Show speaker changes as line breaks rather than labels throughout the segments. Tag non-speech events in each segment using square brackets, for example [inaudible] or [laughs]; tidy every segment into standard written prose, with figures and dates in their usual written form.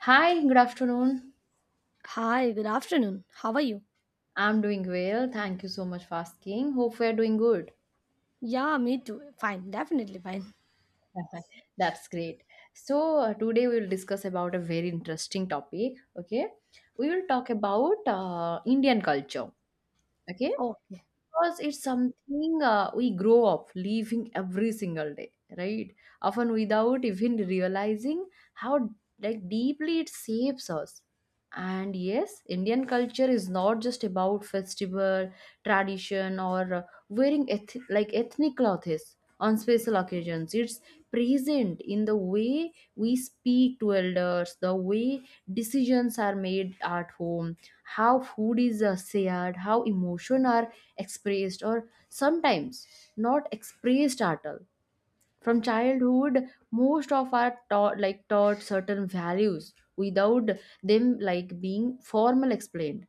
Hi, good afternoon.
Hi, good afternoon. How are you?
I'm doing well. Thank you so much for asking. Hope we're doing good.
Yeah, me too. Fine, definitely fine.
[laughs] That's great. So, today we'll discuss about a very interesting topic. Okay. We will talk about Indian culture. Okay.
Okay.
Because it's something we grow up living every single day, right? Often without even realizing how, like, deeply it shapes us. And yes, Indian culture is not just about festival, tradition, or wearing like ethnic clothes on special occasions. It's present in the way we speak to elders, the way decisions are made at home, how food is shared, how emotion are expressed, or sometimes not expressed at all. From childhood most of our taught certain values without them like being formal explained,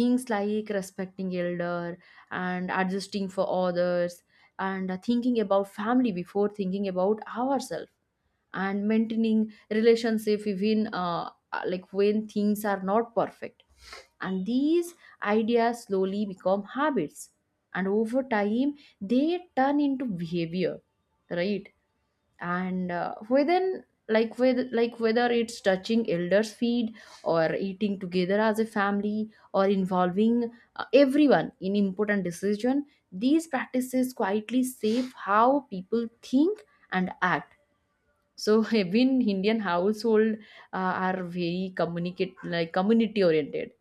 things like respecting elder and adjusting for others and thinking about family before thinking about ourselves and maintaining relationship even like when things are not perfect. And these ideas slowly become habits and over time they turn into behavior, right? And within, like, with, like, whether it's touching elders feet or eating together as a family or involving everyone in important decision, these practices quietly shape how people think and act. So [laughs] even Indian household are very communicate like community oriented.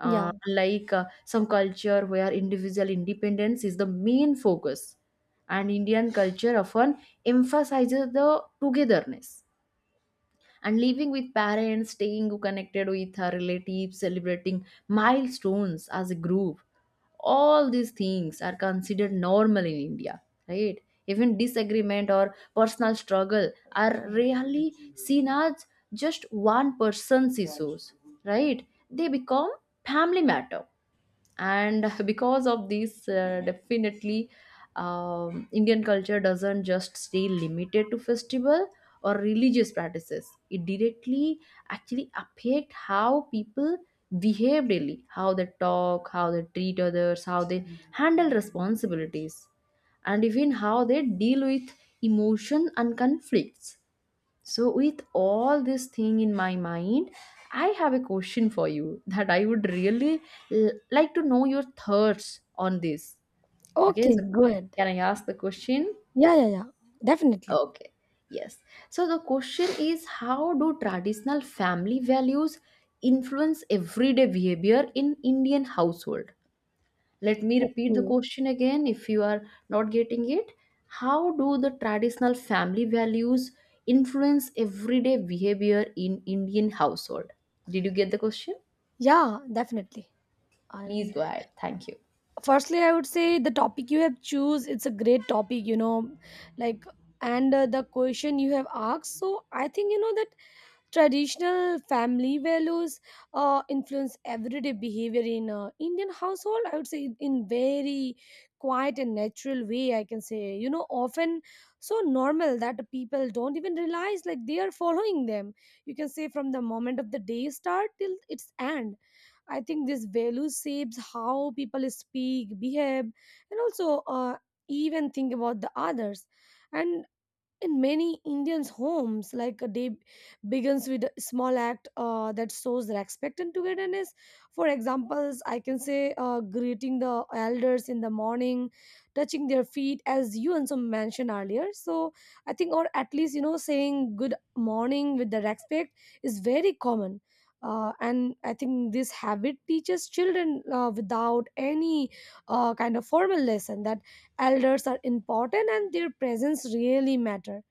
Yeah.
Like some culture where individual independence is the main focus, and Indian culture often emphasizes the togetherness and living with parents, staying connected with our relatives, celebrating milestones as a group. All these things are considered normal in India, right? Even disagreement or personal struggle are rarely seen as just one person's issues, right? They become family matter. And [laughs] because of this, definitely, Indian culture doesn't just stay limited to festival or religious practices, it directly actually affect how people behave daily, how they talk, how they treat others, how they handle responsibilities, and even how they deal with emotion and conflicts. So, with all this thing in my mind, I have a question for you that I would really like to know your thoughts on this. Okay,
Okay,
so
good.
can I ask the question?
Yeah, yeah, yeah. Definitely.
Okay, yes. So, the question is, how do traditional family values influence everyday behavior in Indian household? Let me repeat the
Okay.
question again if you are not getting it. How do the traditional family values influence everyday behavior in Indian household? Did you get the question?
Yeah, definitely.
Please
And
go ahead. Thank you.
firstly, I would say the topic you have choose, it's a great topic, you know, like and the question you have asked. So I think you know that traditional family values influence everyday behavior in Indian household. I would say in very quiet and natural way, I can say, you know, often so normal that people don't even realize, like, they are following them. You can say from the moment of the day start till its end. I think this value shapes how people speak, behave, and also even think about the others. And in many Indians' homes, like a day begins with a small act that shows respect and togetherness. For examples, I can say greeting the elders in the morning, touching their feet, as you also mentioned earlier. So I think, or at least you know, saying good morning with the respect is very common. And I think this habit teaches children without any kind of formal lesson that elders are important and their presence really matter.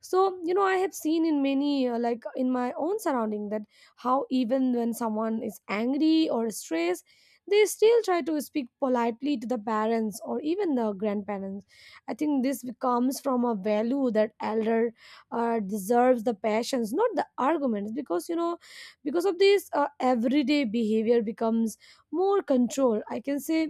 So you know, I have seen in many like in my own surrounding that how even when someone is angry or stressed, they still try to speak politely to the parents or even the grandparents. I think this comes from a value that elder deserves the passions, not the arguments. Because you know, because of this everyday behavior becomes more control, I can say.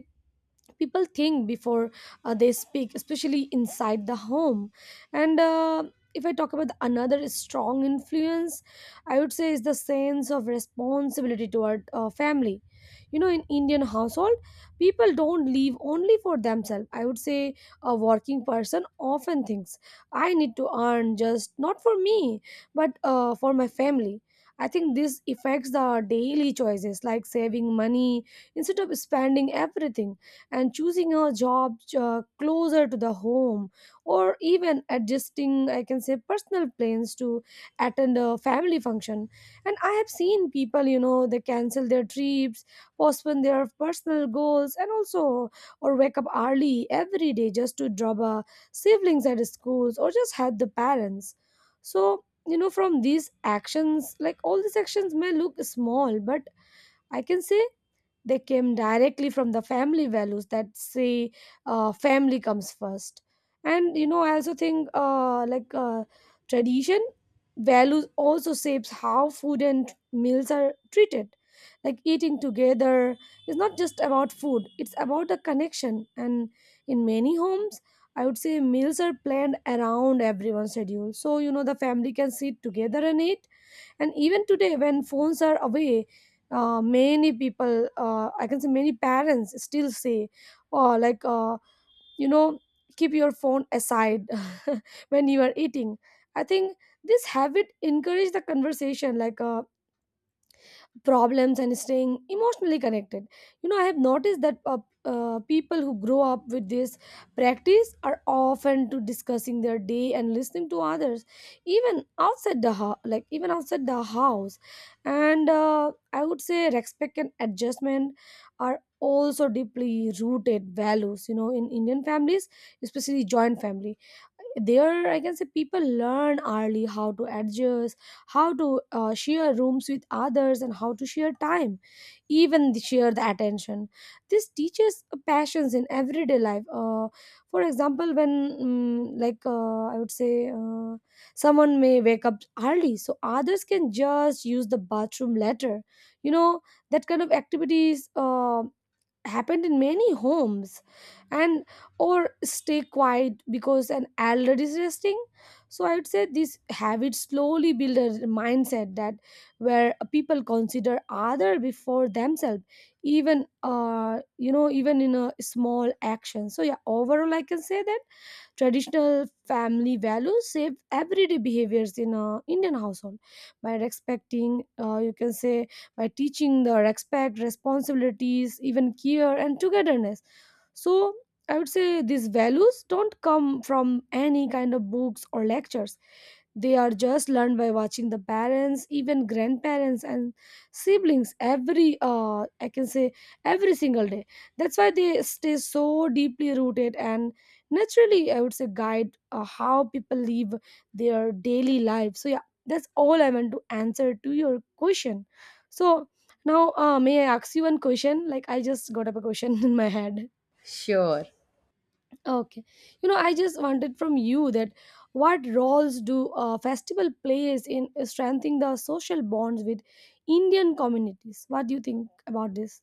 People think before they speak, especially inside the home. And if I talk about another strong influence, I would say is the sense of responsibility toward family. You know, in Indian household, people don't live only for themselves, I would say. A working person often thinks, I need to earn just not for me, but for my family. I think this affects the daily choices, like saving money instead of spending everything, and choosing a job closer to the home, or even adjusting, I can say, personal plans to attend a family function. And I have seen people, you know, they cancel their trips, postpone their personal goals, and also or wake up early every day just to drop a siblings at schools, or just help the parents. So you know, from these actions, like all these actions may look small, but I can say they came directly from the family values that say family comes first. And you know, I also think like tradition values also shapes how food and meals are treated. Like eating together is not just about food, it's about the connection. And in many homes, I would say meals are planned around everyone's schedule, so you know, the family can sit together and eat. And even today when phones are away, many people, I can say, many parents still say, oh, like you know, keep your phone aside [laughs] when you are eating. I think this habit encourage the conversation, like problems and staying emotionally connected. You know, I have noticed that people who grow up with this practice are often to discussing their day and listening to others, even outside the house, like even outside the house. And I would say respect and adjustment are also deeply rooted values, you know, in Indian families, especially joint family. There I can say people learn early how to adjust, how to share rooms with others, and how to share time, even the, share the attention. This teaches passions in everyday life, for example, when like I would say someone may wake up early so others can just use the bathroom later. You know, that kind of activities happened in many homes, and or stay quiet because an elder is resting. So I would say these habits slowly build a mindset that where people consider other before themselves, even you know, even in a small action. So yeah, overall I can say that traditional family values shape everyday behaviors in a Indian household by respecting, you can say, by teaching the respect, responsibilities, even care and togetherness. So I would say these values don't come from any kind of books or lectures. They are just learned by watching the parents, even grandparents and siblings every I can say every single day. That's why they stay so deeply rooted and naturally I would say guide how people live their daily life. So yeah, that's all I want to answer to your question. So now may I ask you one question? Like I just got up a question [laughs] in my head.
Sure.
Okay. You know, I just wanted from you that what roles do festival plays in strengthening the social bonds with Indian communities? What do you think about this?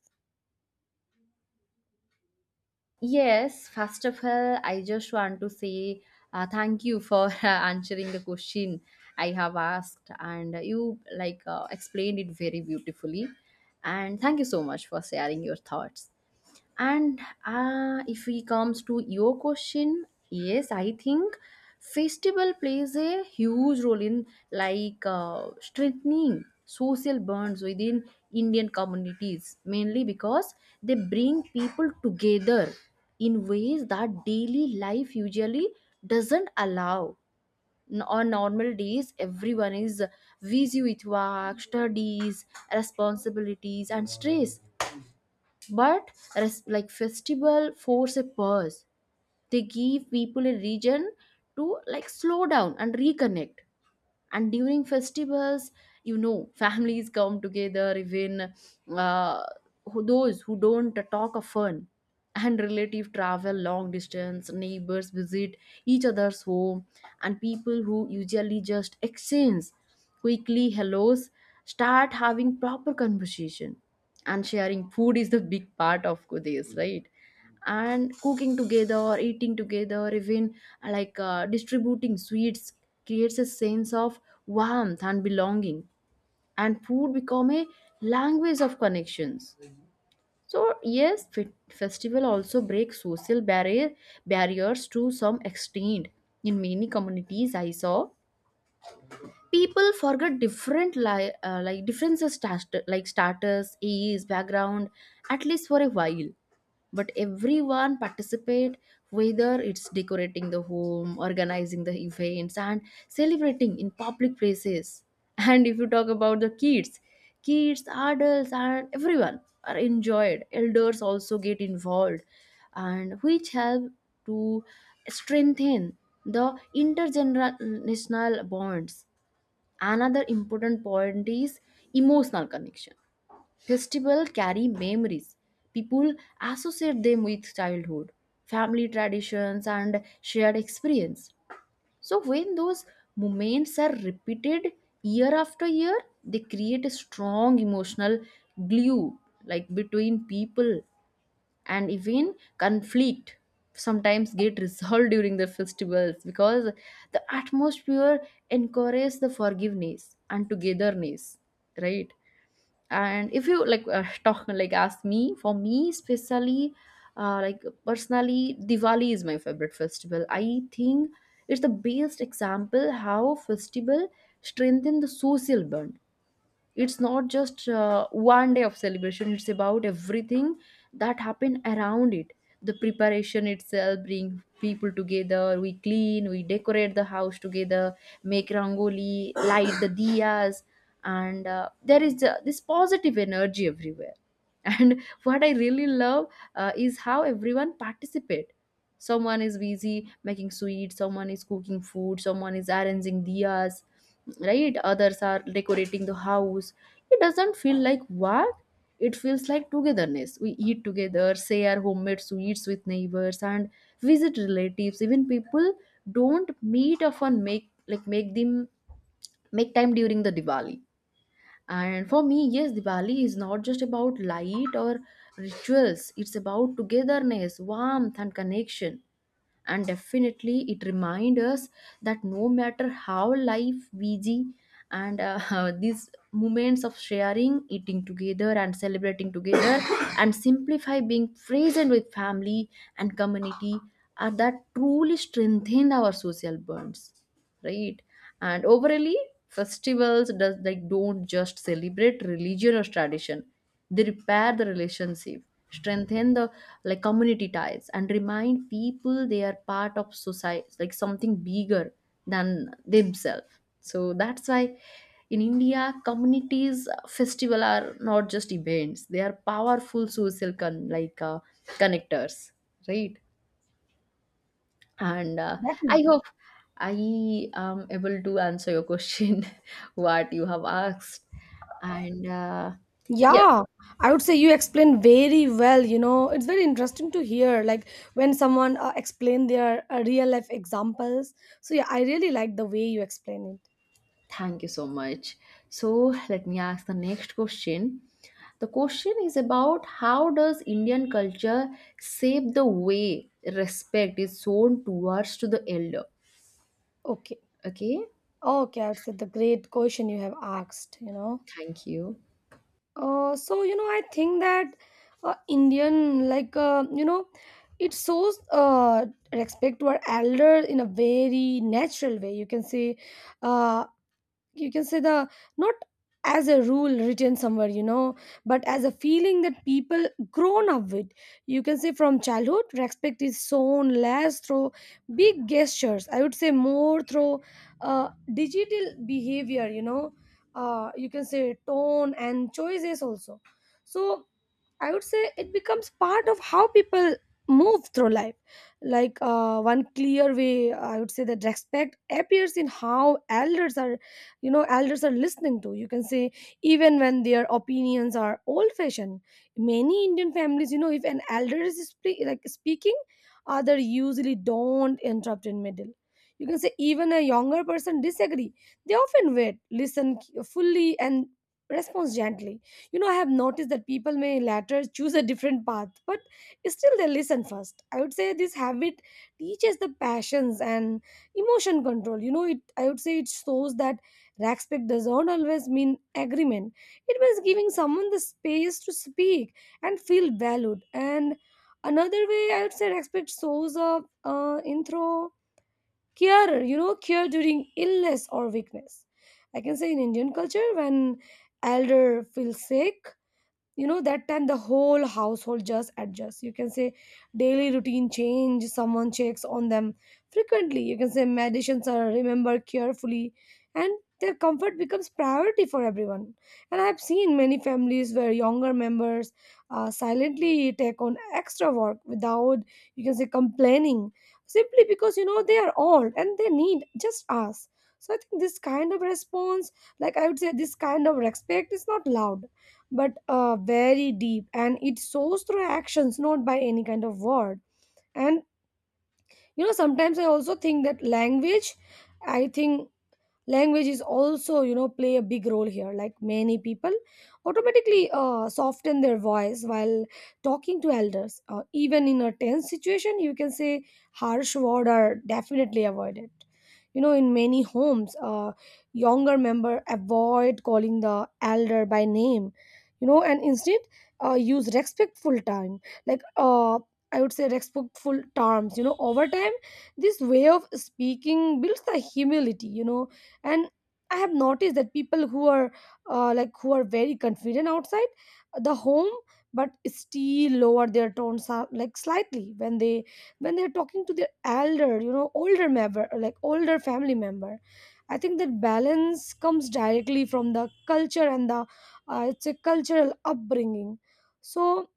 Yes, first of all, I just want to say thank you for [laughs] answering the question I have asked, and you, like, explained it very beautifully. And thank you so much for sharing your thoughts. And if we comes to your question, yes, I think festival plays a huge role in, like, strengthening social bonds within Indian communities, mainly because they bring people together in ways that daily life usually doesn't allow. On normal days, everyone is busy with work, studies, responsibilities, and stress, but like festival force a pause. They give people a reason to, like, slow down and reconnect. And during festivals, you know, families come together, even uh, those who don't talk of fun, and relative travel long distance, neighbors visit each other's home, and people who usually just exchange quickly hellos start having proper conversation. And sharing food is the big part of this, right? And cooking together or eating together or even like distributing sweets creates a sense of warmth and belonging. And food become a language of connections. So yes, festival also breaks social barriers to some extent. In many communities I saw people forget different like differences, like starters ease background, at least for a while, but everyone participate, whether it's decorating the home, organizing the events, and celebrating in public places. [laughs] And if you talk about the kids, kids, adults, and everyone are enjoyed, elders also get involved, and which help to strengthen the intergenerational bonds. Another important point is emotional connection. Festivals carry memories. People associate them with childhood, family traditions, and shared experience. So, when those moments are repeated year after year, they create a strong emotional glue, like between people. And even conflict sometimes get resolved during the festivals because the atmosphere encourages the forgiveness and togetherness, right? And if you, like, [laughs] talk, like, ask me for me, especially like personally, Diwali is my favorite festival. I think it's the best example how festival strengthen the social bond. It's not just one day of celebration, it's about everything that happened around it. The preparation itself bring people together. We clean, we decorate the house together, make rangoli, light the diyas, and there is this positive energy everywhere. [laughs] And what I really love, is how everyone participate. Someone is busy making sweets, someone is cooking food, someone is arranging diyas, right? Others are decorating the house. It doesn't feel like work. It feels like togetherness. We eat together, share homemade sweets with neighbors, and visit relatives. Even people don't meet often make time during the Diwali. And for me, yes, Diwali is not just about light or rituals. It's about togetherness, warmth, and connection. And definitely it reminds us that no matter how life busy, and [laughs] these moments of sharing, eating together, and celebrating together [coughs] and simplify being present with family and community are that truly strengthen our social bonds, right? And overally, festivals does, like, don't just celebrate religion or tradition, they repair the relationship, strengthen the, like, community ties and remind people they are part of society, like something bigger than themselves. So that's why in India communities festival are not just events, they are powerful social like connectors, right? And I
Definitely.
hope I am able to answer your question [laughs] what you have asked. And yes,
Yeah, I would say you explained very well. You know, it's very interesting to hear, like when someone explain their real life examples. So yeah, I really like the way you explain it.
thank you so much. So let me ask the next question. The question is about, how does Indian culture shape the way respect is shown towards to the elder?
Okay,
Okay,
okay, I would say the great question you have asked. You know.
thank you.
So you know, I think that Indian, like you know, it shows respect to our elder in a very natural way. Uh, you can say the, not as a rule written somewhere, you know, but as a feeling that people grown up with. You can say from childhood, respect is shown less through big gestures, I would say more through digital behavior, you know, you can say tone and choices also. So I would say it becomes part of how people move through life. Like one clear way, I would say that respect appears in how elders are, you know, elders are listening to. You can say even when their opinions are old-fashioned. Many Indian families, you know, if an elder is speaking, other usually don't interrupt in middle. You can say even a younger person disagree. They often wait, listen fully, and responds gently. You know, I have noticed that people may later choose a different path, but still they listen first. I would say this habit teaches the passions and emotion control. You know, it I would say it shows that respect does not always mean agreement. It means giving someone the space to speak and feel valued. And another way I would say respect shows up in through care. You know, care during illness or weakness. I can say in Indian culture, when elder feels sick, you know, that time the whole household just adjusts. You can say daily routine change, someone checks on them frequently, you can say medicines are remembered carefully, and their comfort becomes priority for everyone. And I have seen many families where younger members silently take on extra work without, you can say, complaining, simply because you know, they are old and they need just us. So I think this kind of response, like I would say this kind of respect is not loud, but very deep, and it shows through actions, not by any kind of word. And you know, sometimes I also think that language, I think language is also, you know, play a big role here. Like many people automatically soften their voice while talking to elders, even in a tense situation. You can say harsh words are definitely avoided. You know, in many homes, younger member avoid calling the elder by name, you know, and instead use respectful time, like I would say respectful terms. You know, over time this way of speaking builds the humility, you know. And I have noticed that people who are like, who are very confident outside the home, but still lower their tones like slightly when they're talking to their elder, you know, older member like older family member. I think that balance comes directly from the culture and the it's a cultural upbringing. So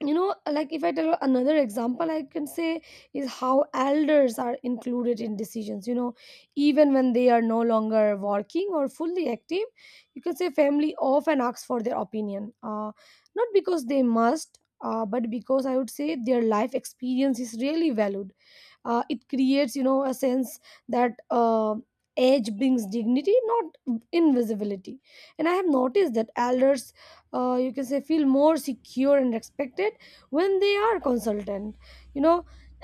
you know, like if I tell another example, I can say is how elders are included in decisions, you know, even when they are no longer working or fully active. You can say family often asks for their opinion, not because they must, but because I would say their life experience is really valued. It creates, you know, a sense that age brings dignity, not invisibility. And I have noticed that elders, you can say, feel more secure and respected when they are consultant, you know,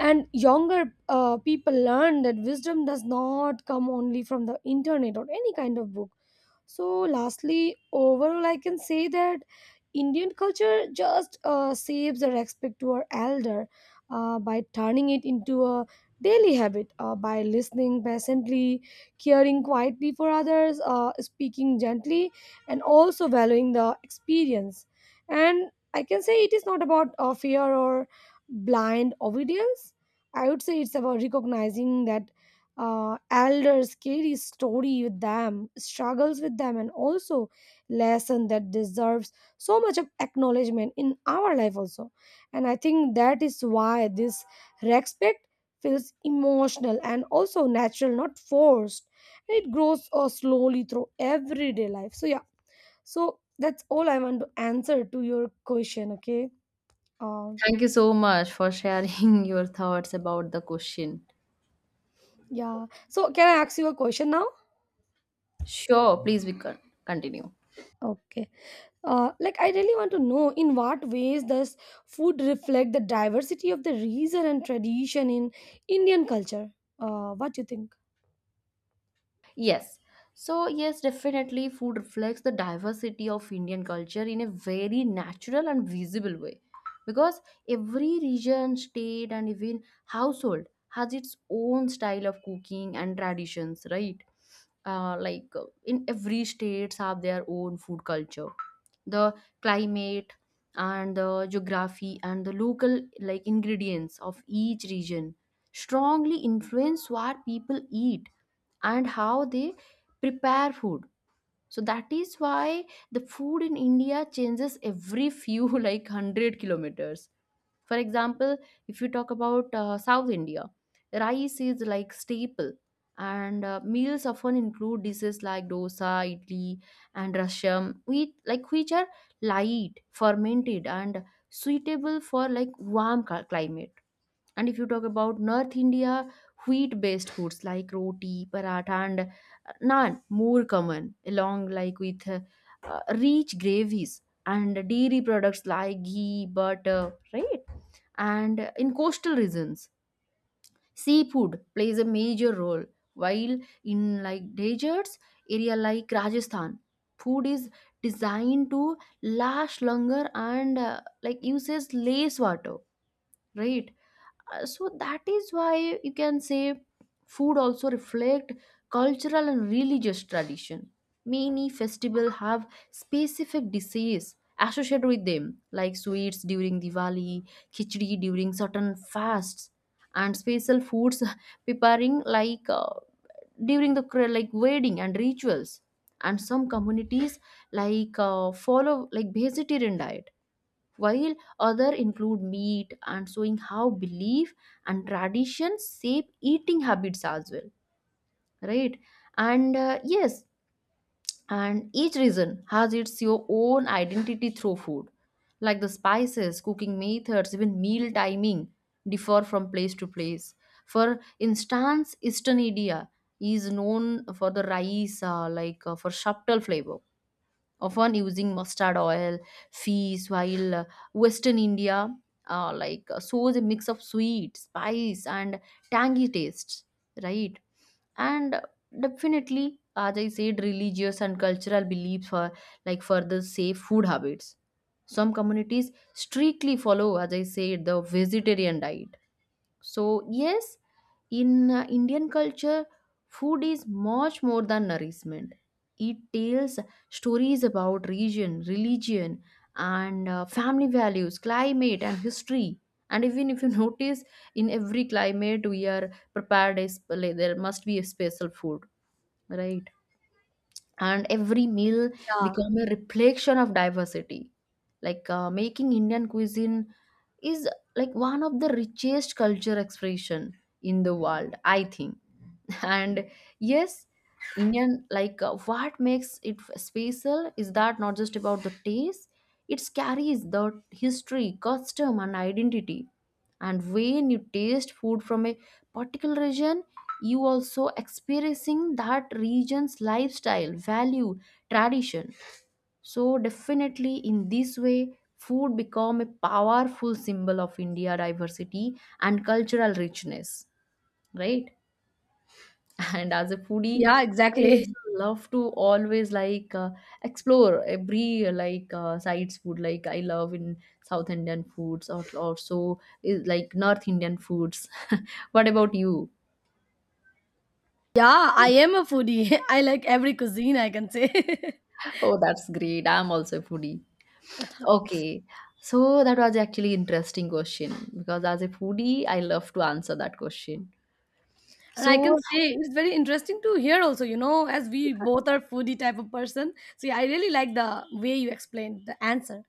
and younger people learn that wisdom does not come only from the internet or any kind of book. So, lastly, overall, I can say that Indian culture just saves the respect to our elder by turning it into a daily habit by listening patiently, caring quietly for others, speaking gently, and also valuing the experience. And I can say it is not about fear or blind obedience. I would say it's about recognizing that elders carry story with them, struggles with them, and also lesson that deserves so much of acknowledgement in our life also. And I think that is why this respect feels emotional and also natural, not forced. It grows slowly through everyday life, so yeah, so that's all I want to answer to your question. Okay. um
Thank you so much for sharing [laughs] your thoughts about the question.
yeah, so can I ask you a question now?
Sure, please, we can continue.
Okay. Like, I really want to know, in what ways does food reflect the diversity of the region and tradition in Indian culture? What do you think?
Yes. So, yes, definitely food reflects the diversity of Indian culture in a very natural and visible way. Because every region, state, and even household has its own style of cooking and traditions, right? Like in every states have their own food culture. The climate and the geography and the local, like, ingredients of each region strongly influence what people eat and how they prepare food. So that is why the food in India changes every few [laughs] like 100 kilometers. For example, if you talk about South India, rice is like staple, and meals often include dishes like dosa, idli, and rasham, which, are light, fermented, and suitable for like warm climate. And if you talk about North India, wheat based foods like roti, paratha, and naan more common, along, like, with rich gravies and dairy products like ghee, butter, right? And in coastal regions, seafood plays a major role, while in, like, deserts area like Rajasthan, food is designed to last longer and like uses less water, right? So that is why you can say food also reflect cultural and religious tradition. Many festival have specific dishes associated with them, like sweets during Diwali, khichdi during certain fasts, and special foods [laughs] preparing like during the like wedding and rituals. And some communities, like, follow like vegetarian diet while other include meat, and showing how belief and traditions shape eating habits as well, right? And yes, and each region has its your own identity through food. Like the spices, cooking methods, even meal timing differ from place to place. For instance, eastern India is known for the rice, like for subtle flavor, often using mustard oil, fish, while western India like shows a mix of sweet, spice, and tangy tastes, right? And definitely, as I said, religious and cultural beliefs for, like, further safe food habits. Some communities strictly follow, as I said, the vegetarian diet. So, yes, in Indian culture, food is much more than nourishment. It tells stories about region, religion, and family values, climate, and history. And even if you [laughs] notice, in every climate, we are prepared, a like, there must be a special food, right? And every meal
Yeah,
become a reflection of diversity. Making Indian cuisine is like one of the richest culture expression in the world, I think. [laughs] And yes, Indian, what makes it special is that not just about the taste. It carries the history, custom and identity. And when you taste food from a particular region, you also experiencing that region's lifestyle, value, tradition. So definitely, in this way, food become a powerful symbol of India diversity and cultural richness, right? [laughs] And as a foodie,
yeah,
I
exactly. [laughs]
also love to always explore every sides food. Like, I love in South Indian foods or also is like North Indian foods. [laughs] What about you?
Yeah, I am a foodie. [laughs] I like every cuisine, I can say. [laughs]
Oh, that's great. I'm also a foodie. Okay. So that was actually interesting question, because as a foodie, I love to answer that question.
And I
So
can say it's very interesting to hear also, you know, as we both are foodie type of person. So yeah, I really like the way you explained the answer.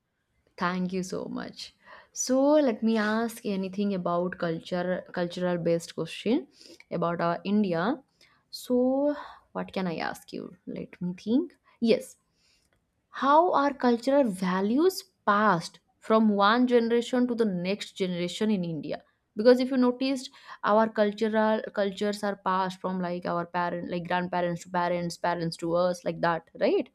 thank you so much. So let me ask anything about culture, cultural based question about our India. So what can I ask you? Let me think. Yes. How are cultural values passed from one generation to the next generation in India? Because if you noticed, our cultural cultures are passed from like our parent, like grandparents to parents, parents to us, like that, right?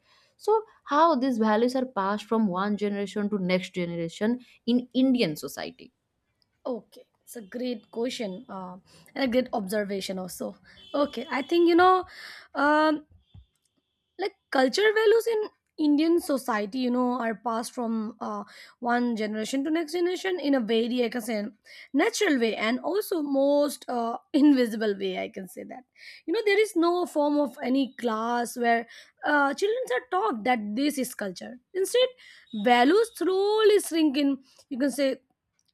So how these values are passed from one generation to next generation in Indian society?
Okay, it's a great question and a great observation also. Okay, I think, you know, um, like culture values in indian society, you know, are passed from one generation to next generation in a very, I can say, natural way, and also most [laughs] invisible way, I can say that. You know, there is no form of any class where children are taught that this is culture. Instead, values slowly shrink in, you can say,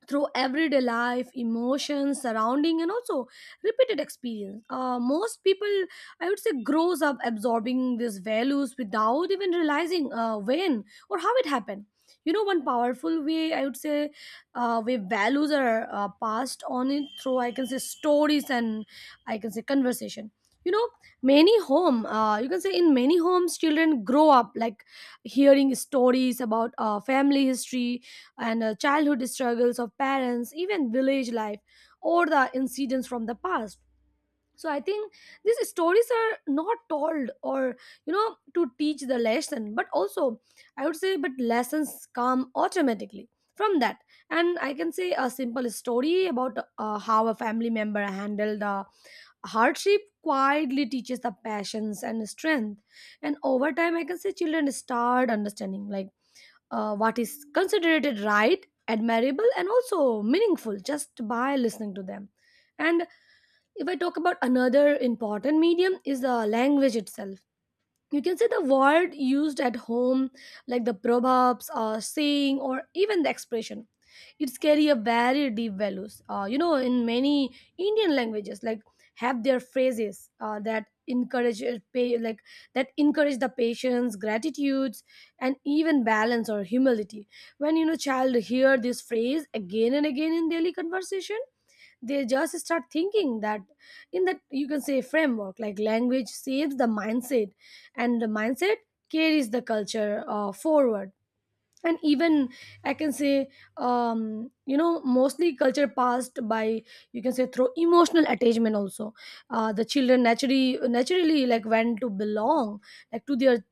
through everyday life, emotions, surrounding, and also repeated experience. Most people, I would say, grows up absorbing these values without even realizing when or how it happened. You know, one powerful way, I would say, way values are passed on, it through, I can say, stories and, I can say, conversation. You know, many home, you can say, in many homes, children grow up like hearing stories about family history and childhood struggles of parents, even village life, or the incidents from the past. So I think these stories are not told or, you know, to teach the lesson, but also, I would say, but lessons come automatically from that. And I can say a simple story about how a family member handled the hardship quietly teaches the passions and strength. And over time, I can say children start understanding like what is considered right, admirable, and also meaningful just by listening to them. And if I talk about another important medium is the language itself. You can see the word used at home, like the proverbs or saying or even the expression, it's carry a very deep values, you know, in many indian languages like have their phrases that encourage like that encourage the patience, gratitudes, and even balance or humility. When, you know, child hear this phrase again and again in daily conversation, they just start thinking that, in that you can say framework, like language saves the mindset, and the mindset carries the culture forward. And even, I can say, you know, mostly culture passed by, you can say, through emotional attachment also. The children naturally like went to belong like to their,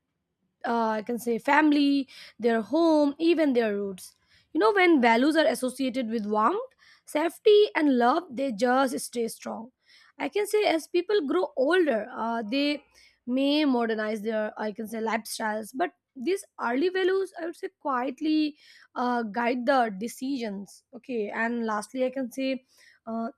I can say, family, their home, even their roots. You know, when values are associated with warmth, safety, and love, they just stay strong. I can say as people grow older, they may modernize their, I can say, lifestyles, but these early values, I would say, quietly guide the decisions. Okay, and lastly, I can say uh,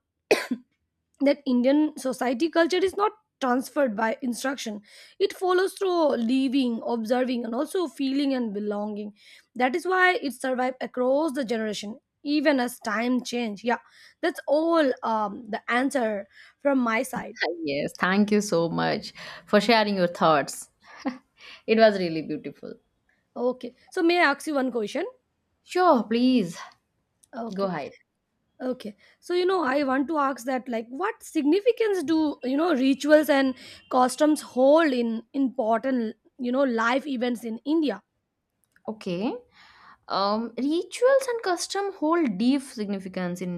that Indian society culture is not transferred by instruction. It follows through living, observing, and also feeling and belonging. That is why it survived across the generation, even as time change. Yeah, that's all, the answer from my side.
Yes, thank you so much for sharing your thoughts. It was really beautiful.
Okay, so may I ask you one question?
Sure, please, go
Okay,
ahead.
okay. So, you know, I want to ask that, like, what significance do you know rituals and customs hold in important, you know, life events in India?
Okay. Rituals and custom hold deep significance in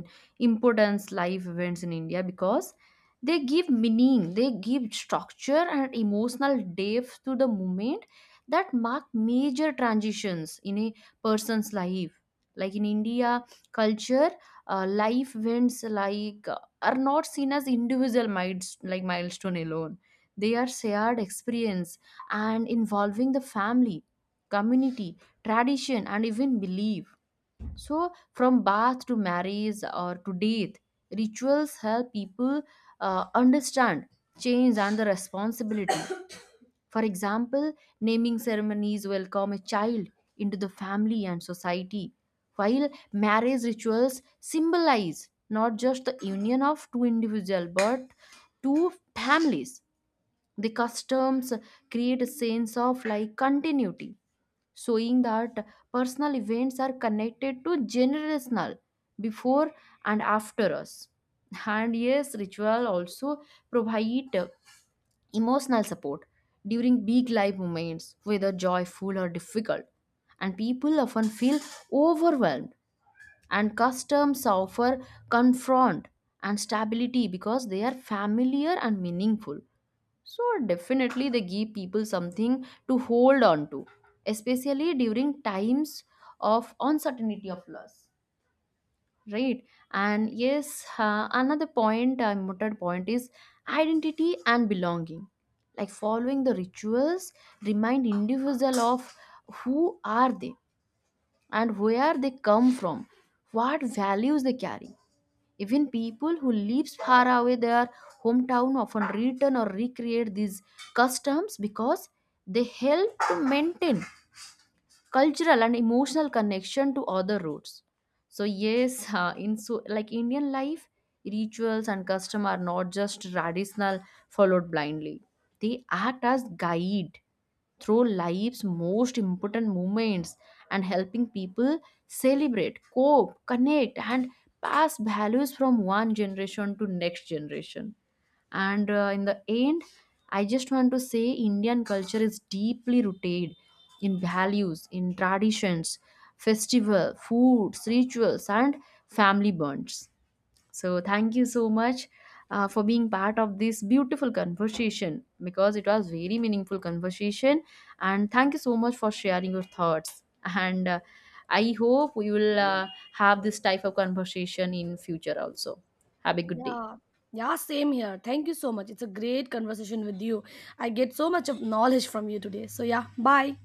importance life events in India, because they give meaning, they give structure and emotional depth to the moment that mark major transitions in a person's life. Like in India culture, life events are not seen as individual milestone alone. They are shared experience and involving the family, community, tradition and even belief. So from birth to marriage or to death, rituals help people understand change and the responsibility. [coughs] For example, naming ceremonies welcome a child into the family and society, while marriage rituals symbolize not just the union of two individuals, but two families. The customs create a sense of like continuity, showing that personal events are connected to generational before and after us. And yes, ritual also provide emotional support during big life moments, whether joyful or difficult. And people often feel overwhelmed, and customs offer confront and stability because they are familiar and meaningful. So definitely they give people something to hold on to, especially during times of uncertainty, of loss, right? And yes, another point, important point is identity and belonging. Like following the rituals remind individual of who are they and where they come from, what values they carry. Even people who live far away their hometown often return or recreate these customs, because they help to maintain cultural and emotional connection to other roots. So yes, in so like Indian life, rituals and custom are not just traditional followed blindly. They act as guide through life's most important moments and helping people celebrate, cope, connect, and pass values from one generation to next generation. And in the end, I just want to say Indian culture is deeply rooted in values, in traditions, festival, foods, rituals and family bonds. So thank you so much for being part of this beautiful conversation, because it was very meaningful conversation. And thank you so much for sharing your thoughts. And I hope we will have this type of conversation in future also. Have a good day.
Yeah. Yeah, same here. Thank you so much. It's a great conversation with you. I get so much of knowledge from you today. So yeah, bye.